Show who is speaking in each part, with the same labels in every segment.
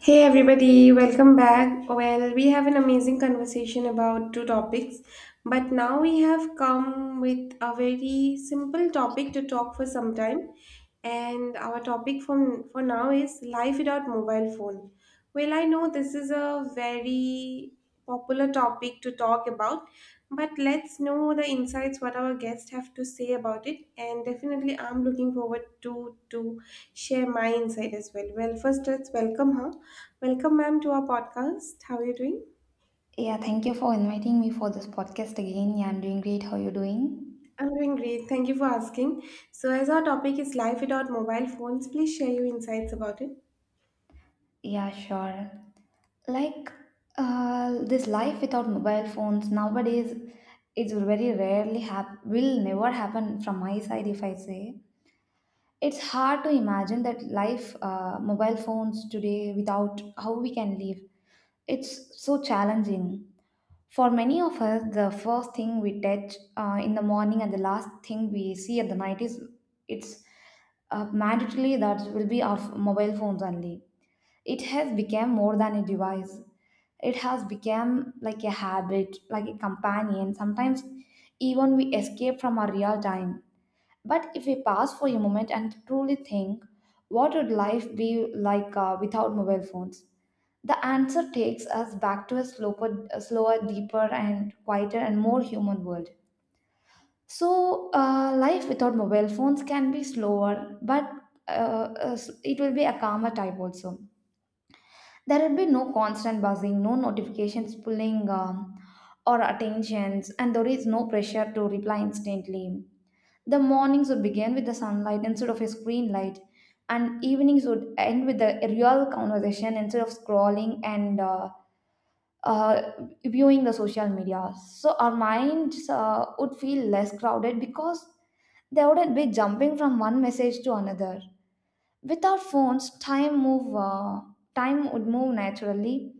Speaker 1: Hey everybody, welcome back. Well, we have an amazing conversation about two topics, but now we have come with a very simple topic to talk for some time. And our topic from for now is life without mobile phone. Well, I know this is a very popular topic to talk about, but let's know the insights what our guests have to say about it. And definitely, I'm looking forward to share my insight as well. Well, first let's welcome her. Welcome, ma'am, to our podcast. How are you doing?
Speaker 2: Yeah, thank you for inviting me for this podcast again. Yeah, I'm doing great. How you doing?
Speaker 1: I'm doing great. Thank you for asking. So, as our topic is life without mobile phones, please share your insights about it.
Speaker 2: Yeah, sure. Like, this life without mobile phones nowadays, it's very rarely will never happen from my side if I say. It's hard to imagine that life mobile phones today without how we can live. It's so challenging. For many of us, the first thing we touch in the morning and the last thing we see at the night is it's mandatory that will be our mobile phones only. It has become more than a device. It has become like a habit, like a companion. Sometimes even we escape from our real time. But if we pause for a moment and truly think, what would life be like without mobile phones? The answer takes us back to a slower, deeper, and quieter and more human world. So, life without mobile phones can be slower, but uh, uh, it will be a calmer type also. There will be no constant buzzing, no notifications pulling or attentions, and there is no pressure to reply instantly. The mornings would begin with the sunlight instead of a screen light, and evenings would end with a real conversation instead of scrolling and uh, viewing the social media. So our minds would feel less crowded because they wouldn't be jumping from one message to another. Without phones, time would move naturally,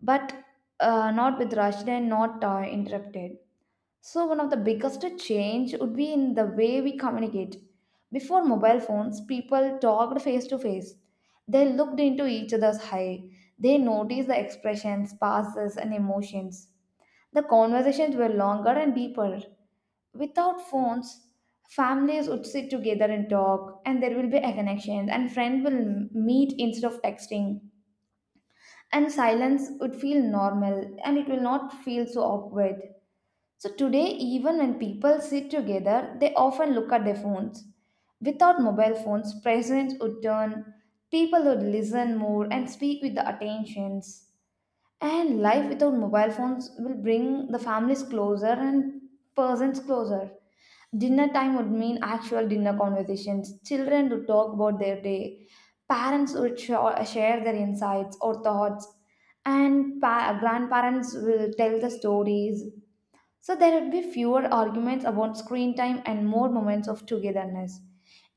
Speaker 2: but not with rushed and not interrupted. So, one of the biggest change would be in the way we communicate. Before mobile phones, people talked face to face. They looked into each other's eye. They noticed the expressions, passes, and emotions. The conversations were longer and deeper. Without phones, families would sit together and talk, and there will be a connection, and friends will meet instead of texting. And silence would feel normal, and it will not feel so awkward. So today, even when people sit together, they often look at their phones. Without mobile phones, presence would turn, people would listen more and speak with the attentions. And life without mobile phones will bring the families closer and persons closer. Dinner time would mean actual dinner conversations. Children would talk about their day. Parents would share their insights or thoughts. And grandparents will tell the stories. So there would be fewer arguments about screen time and more moments of togetherness.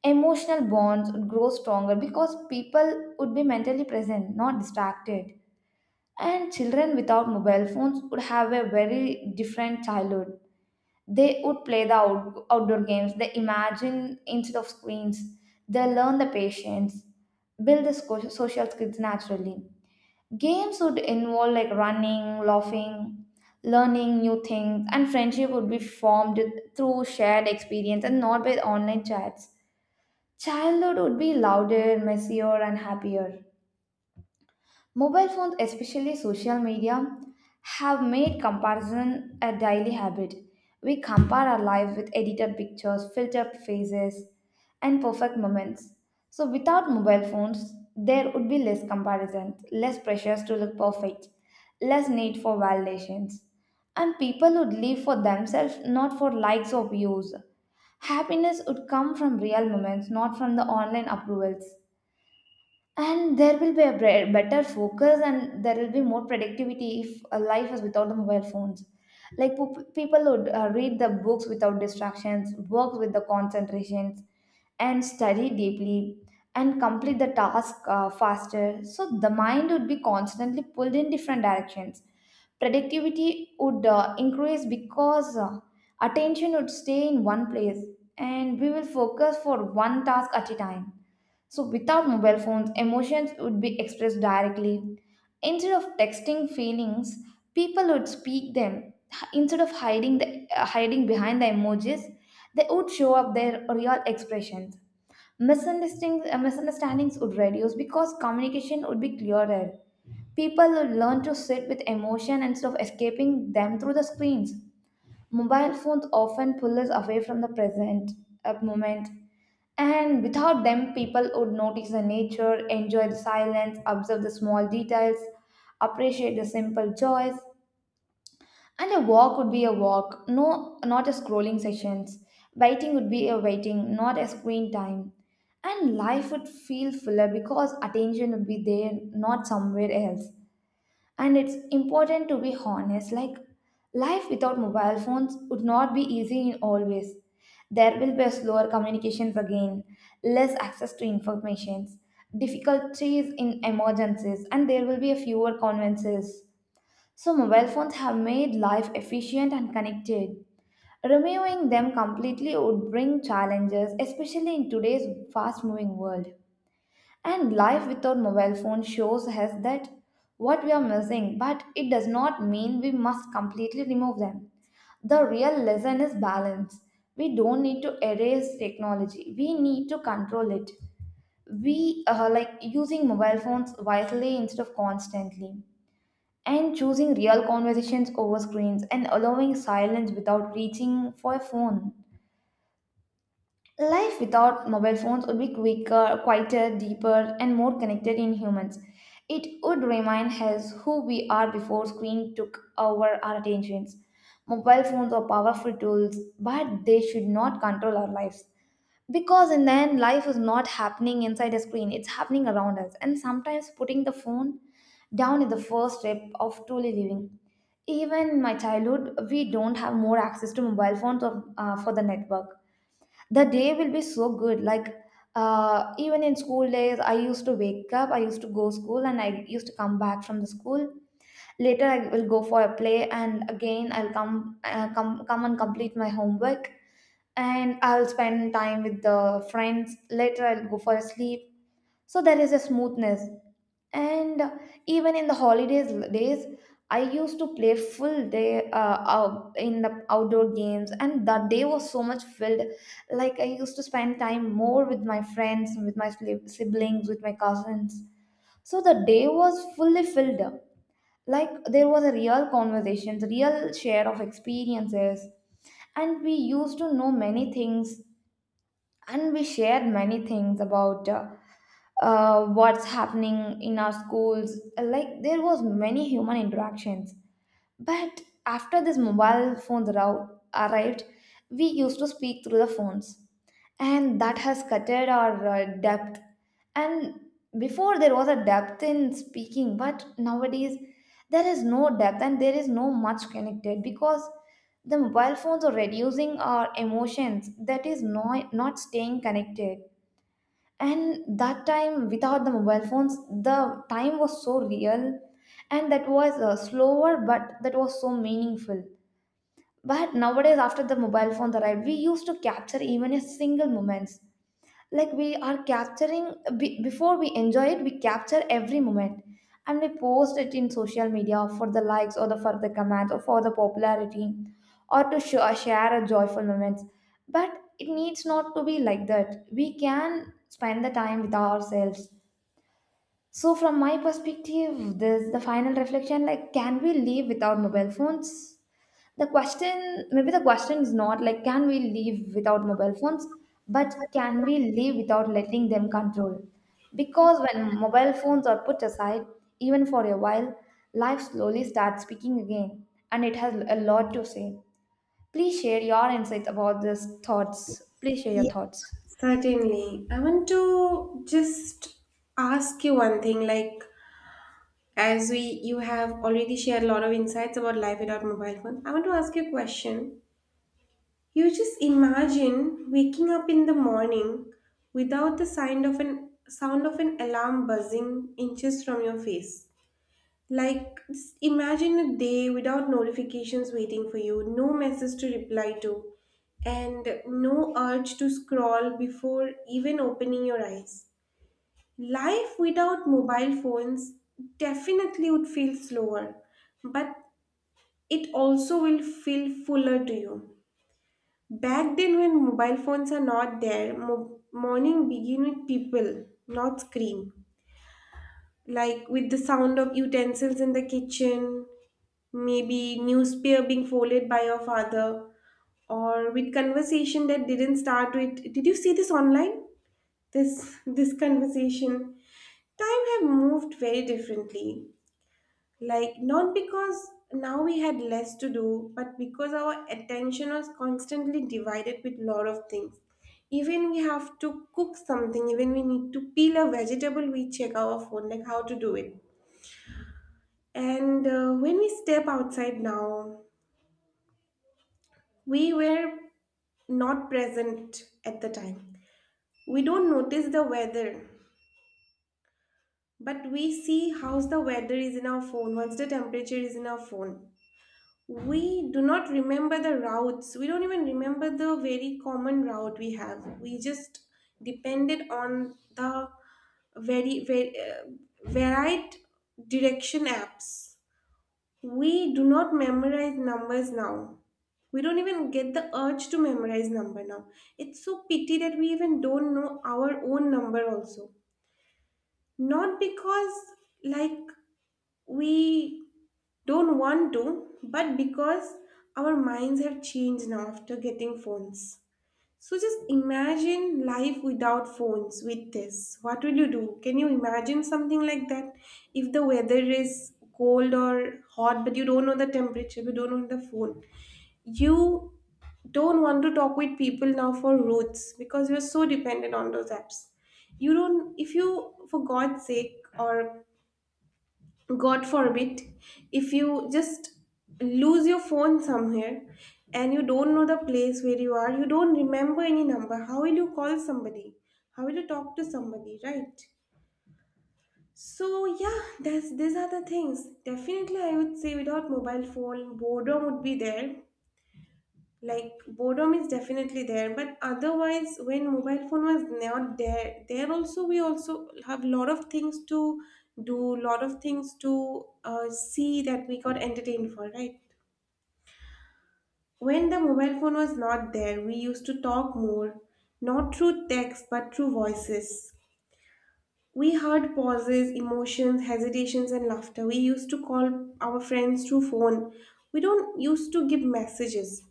Speaker 2: Emotional bonds would grow stronger because people would be mentally present, not distracted. And children without mobile phones would have a very different childhood. They would play the outdoor games, they imagine instead of screens, they learn the patience, build the social skills naturally. Games would involve like running, laughing, learning new things, and friendship would be formed through shared experience and not by online chats. Childhood would be louder, messier, and happier. Mobile phones, especially social media, have made comparison a daily habit. We compare our lives with edited pictures, filtered faces, and perfect moments. So, without mobile phones, there would be less comparison, less pressures to look perfect, less need for validations. And people would live for themselves, not for likes or views. Happiness would come from real moments, not from the online approvals. And there will be a better focus, and there will be more productivity if a life is without the mobile phones. Like, people would read the books without distractions, work with the concentrations, and study deeply, and complete the task faster. So the mind would be constantly pulled in different directions. Productivity would increase because attention would stay in one place, and we will focus for one task at a time. So, without mobile phones, emotions would be expressed directly. Instead of texting feelings, people would speak them. Instead of hiding behind the emojis, they would show up their real expressions. Misunderstandings would reduce because communication would be clearer. People would learn to sit with emotion instead of escaping them through the screens. Mobile phones often pull us away from the present moment, and without them, people would notice the nature, enjoy the silence, observe the small details, appreciate the simple joys. And a walk would be a walk, no, not a scrolling sessions. Waiting would be a waiting, not a screen time. And life would feel fuller because attention would be there, not somewhere else. And it's important to be honest. Like, life without mobile phones would not be easy in all ways. There will be slower communications again, less access to informations, difficulties in emergencies, and there will be a fewer conveniences. So mobile phones have made life efficient and connected. Removing them completely would bring challenges, especially in today's fast moving world. And life without mobile phone shows us that what we are missing, but it does not mean we must completely remove them. The real lesson is balance. We don't need to erase technology. We need to control it. We are like using mobile phones wisely instead of constantly, and choosing real conversations over screens, and allowing silence without reaching for a phone. Life without mobile phones would be quicker, quieter, deeper, and more connected in humans. It would remind us who we are before screen took over our attentions. Mobile phones are powerful tools, but they should not control our lives. Because in the end, life is not happening inside a screen, it's happening around us. And sometimes putting the phone down is the first step of truly living. Even in my childhood, we don't have more access to mobile phones for the network. The day will be so good. Like, even in school days, I used to wake up, I used to go school, and I used to come back from the school. Later I will go for a play, and again I'll come and complete my homework, and I'll spend time with the friends. Later I'll go for a sleep. So there is a smoothness. And even in the holidays days, I used to play full day out in the outdoor games, and that day was so much filled. Like, I used to spend time more with my friends, with my siblings, with my cousins. So the day was fully filled up. Like, there was a real conversations, real share of experiences, and we used to know many things, and we shared many things about what's happening in our schools. Like, there was many human interactions. But after this mobile phones arrived, we used to speak through the phones, and that has cutted our depth. And before there was a depth in speaking, but nowadays there is no depth and there is no much connected, because the mobile phones are reducing our emotions, that is not, not staying connected. And that time without the mobile phones, the time was so real, and that was slower, but that was so meaningful. But nowadays, after the mobile phones arrived, we used to capture even a single moments. Like, we are capturing before we enjoy it, we capture every moment, and we post it in social media for the likes or the for the comments or for the popularity, or to share a joyful moments. But it needs not to be like that. We can spend the time with ourselves. So, from my perspective, this the final reflection. Like, can we live without mobile phones? The question, maybe the question is not like, can we live without mobile phones, but can we live without letting them control? Because when mobile phones are put aside, even for a while, life slowly starts speaking again, and it has a lot to say. Please share your insights about these thoughts. Please share your
Speaker 1: Yeah,
Speaker 2: thoughts.
Speaker 1: certainly. I want to just ask you one thing. Like, as we you have already shared a lot of insights about life without mobile phone, I want to ask you a question. You just imagine waking up in the morning without the sound of an alarm buzzing inches from your face. Like, just imagine a day without notifications waiting for you, no message to reply to, and no urge to scroll before even opening your eyes. Life without mobile phones definitely would feel slower, but it also will feel fuller to you. Back then, when mobile phones are not there, morning begin with people, not screen. Like with the sound of utensils in the kitchen, maybe newspaper being folded by your father, or with conversation that didn't start with did you see this online. This conversation time have moved very differently, like not because now we had less to do but because our attention was constantly divided with lot of things. Even we have to cook something, even we need to peel a vegetable, we check our phone like how to do it. And when we step outside now, we were not present at the time. We don't notice the weather, but we see how the weather is in our phone, what's the temperature is in our phone. We do not remember the routes. We don't even remember the very common route we have. We just depended on the very, very varied direction apps. We do not memorize numbers now. We don't even get the urge to memorize number now. It's so pity that we even don't know our own number also. Not because like we don't want to, but because our minds have changed now after getting phones. So just imagine life without phones with this. What will you do? Can you imagine something like that? If the weather is cold or hot, but you don't know the temperature, you don't know the phone. You don't want to talk with people now for routes because you're so dependent on those apps. You don't, if you, for God's sake, or God forbid, if you just lose your phone somewhere and you don't know the place where you are, you don't remember any number, how will you call somebody? How will you talk to somebody, right? So yeah, that's these are the things. Definitely I would say without mobile phone, boredom would be there, like boredom is definitely there. But otherwise when mobile phone was not there, there also we also have lot of things to do, lot of things to see, that we got entertained for, right? When the mobile phone was not there, we used to talk more, not through text but through voices. We heard pauses, emotions, hesitations, and laughter. We used to call our friends through phone. We don't used to give messages.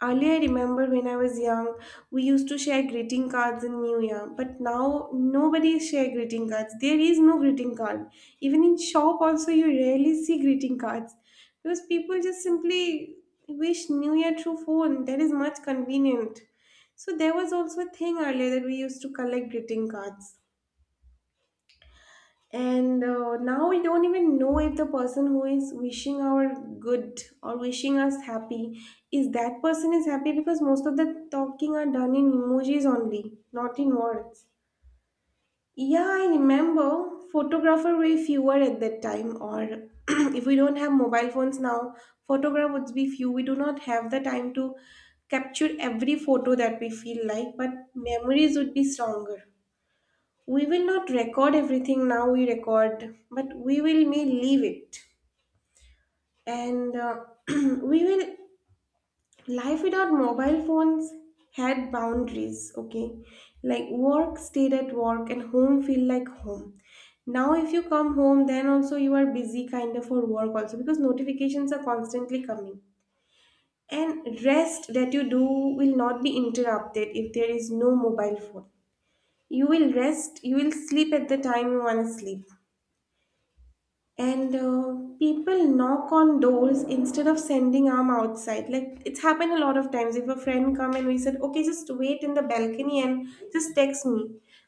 Speaker 1: Earlier, I remember when I was young, we used to share greeting cards in New Year. But now, nobody share greeting cards. There is no greeting card. Even in shop, also you rarely see greeting cards because people just simply wish New Year through phone. That is much convenient. So there was also a thing earlier that we used to collect greeting cards. And now we don't even know if the person who is wishing our good or wishing us happy, is that person is happy, because most of the talking are done in emojis only, not in words. Yeah, I remember photographer were fewer at that time, or if we don't have mobile phones now, photograph would be few. We do not have the time to capture every photo that we feel like, but memories would be stronger. We will not record everything. Now we record, but we will may leave it. And we will Life without mobile phones had boundaries, okay? Like work stayed at work and home feel like home. Now if you come home, then also you are busy kind of for work also, because notifications are constantly coming. And rest that you do will not be interrupted if there is no mobile phone. You will rest, you will sleep at the time you want to sleep. And people knock on doors instead of sending arm outside. Like it's happened a lot of times, if a friend come and we said, okay, just wait in the balcony and just text me.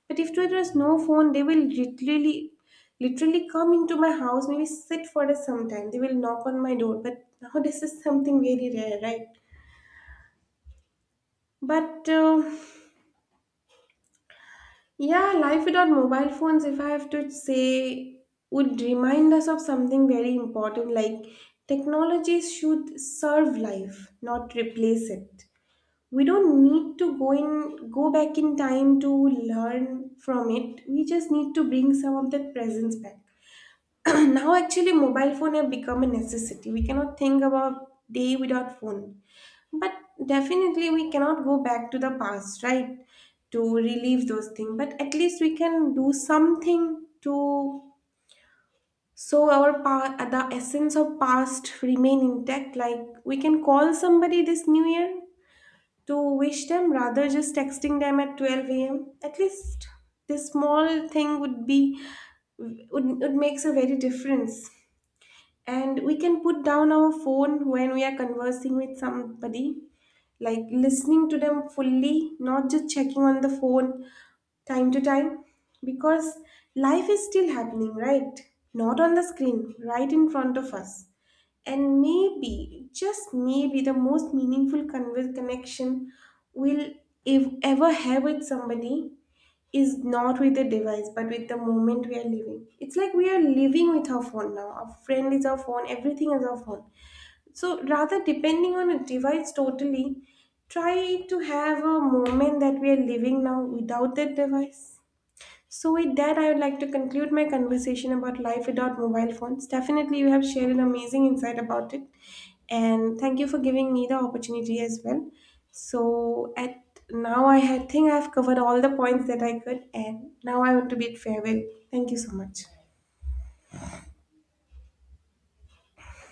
Speaker 1: But if there was no phone, they will literally come into my house, maybe sit for us sometime, they will knock on my door. But now this is something very rare, right? but Yeah, life without mobile phones, if I have to say, would remind us of something very important, like technologies should serve life, not replace it. We don't need to go back in time to learn from it. We just need to bring some of that presence back. Now actually mobile phone have become a necessity. We cannot think about day without phone. But definitely, we cannot go back to the past, right? To relieve those things. But at least we can do something to, so our the essence of past remain intact. Like we can call somebody this new year to wish them rather just texting them at 12 a.m. At least this small thing would, would makes a very difference. And we can put down our phone when we are conversing with somebody, like listening to them fully, not just checking on the phone time to time, because life is still happening, right? Not on the screen, right in front of us. And maybe, just maybe, the most meaningful connection we'll if ever have with somebody is not with the device, but with the moment we are living. It's like we are living with our phone now. Our friend is our phone, everything is our phone. So rather depending on a device totally, try to have a moment that we are living now without that device. So with that, I would like to conclude my conversation about life without mobile phones. Definitely, you have shared an amazing insight about it, and thank you for giving me the opportunity as well. So at now, think I've covered all the points that I could, and now I want to bid farewell. Thank you so much.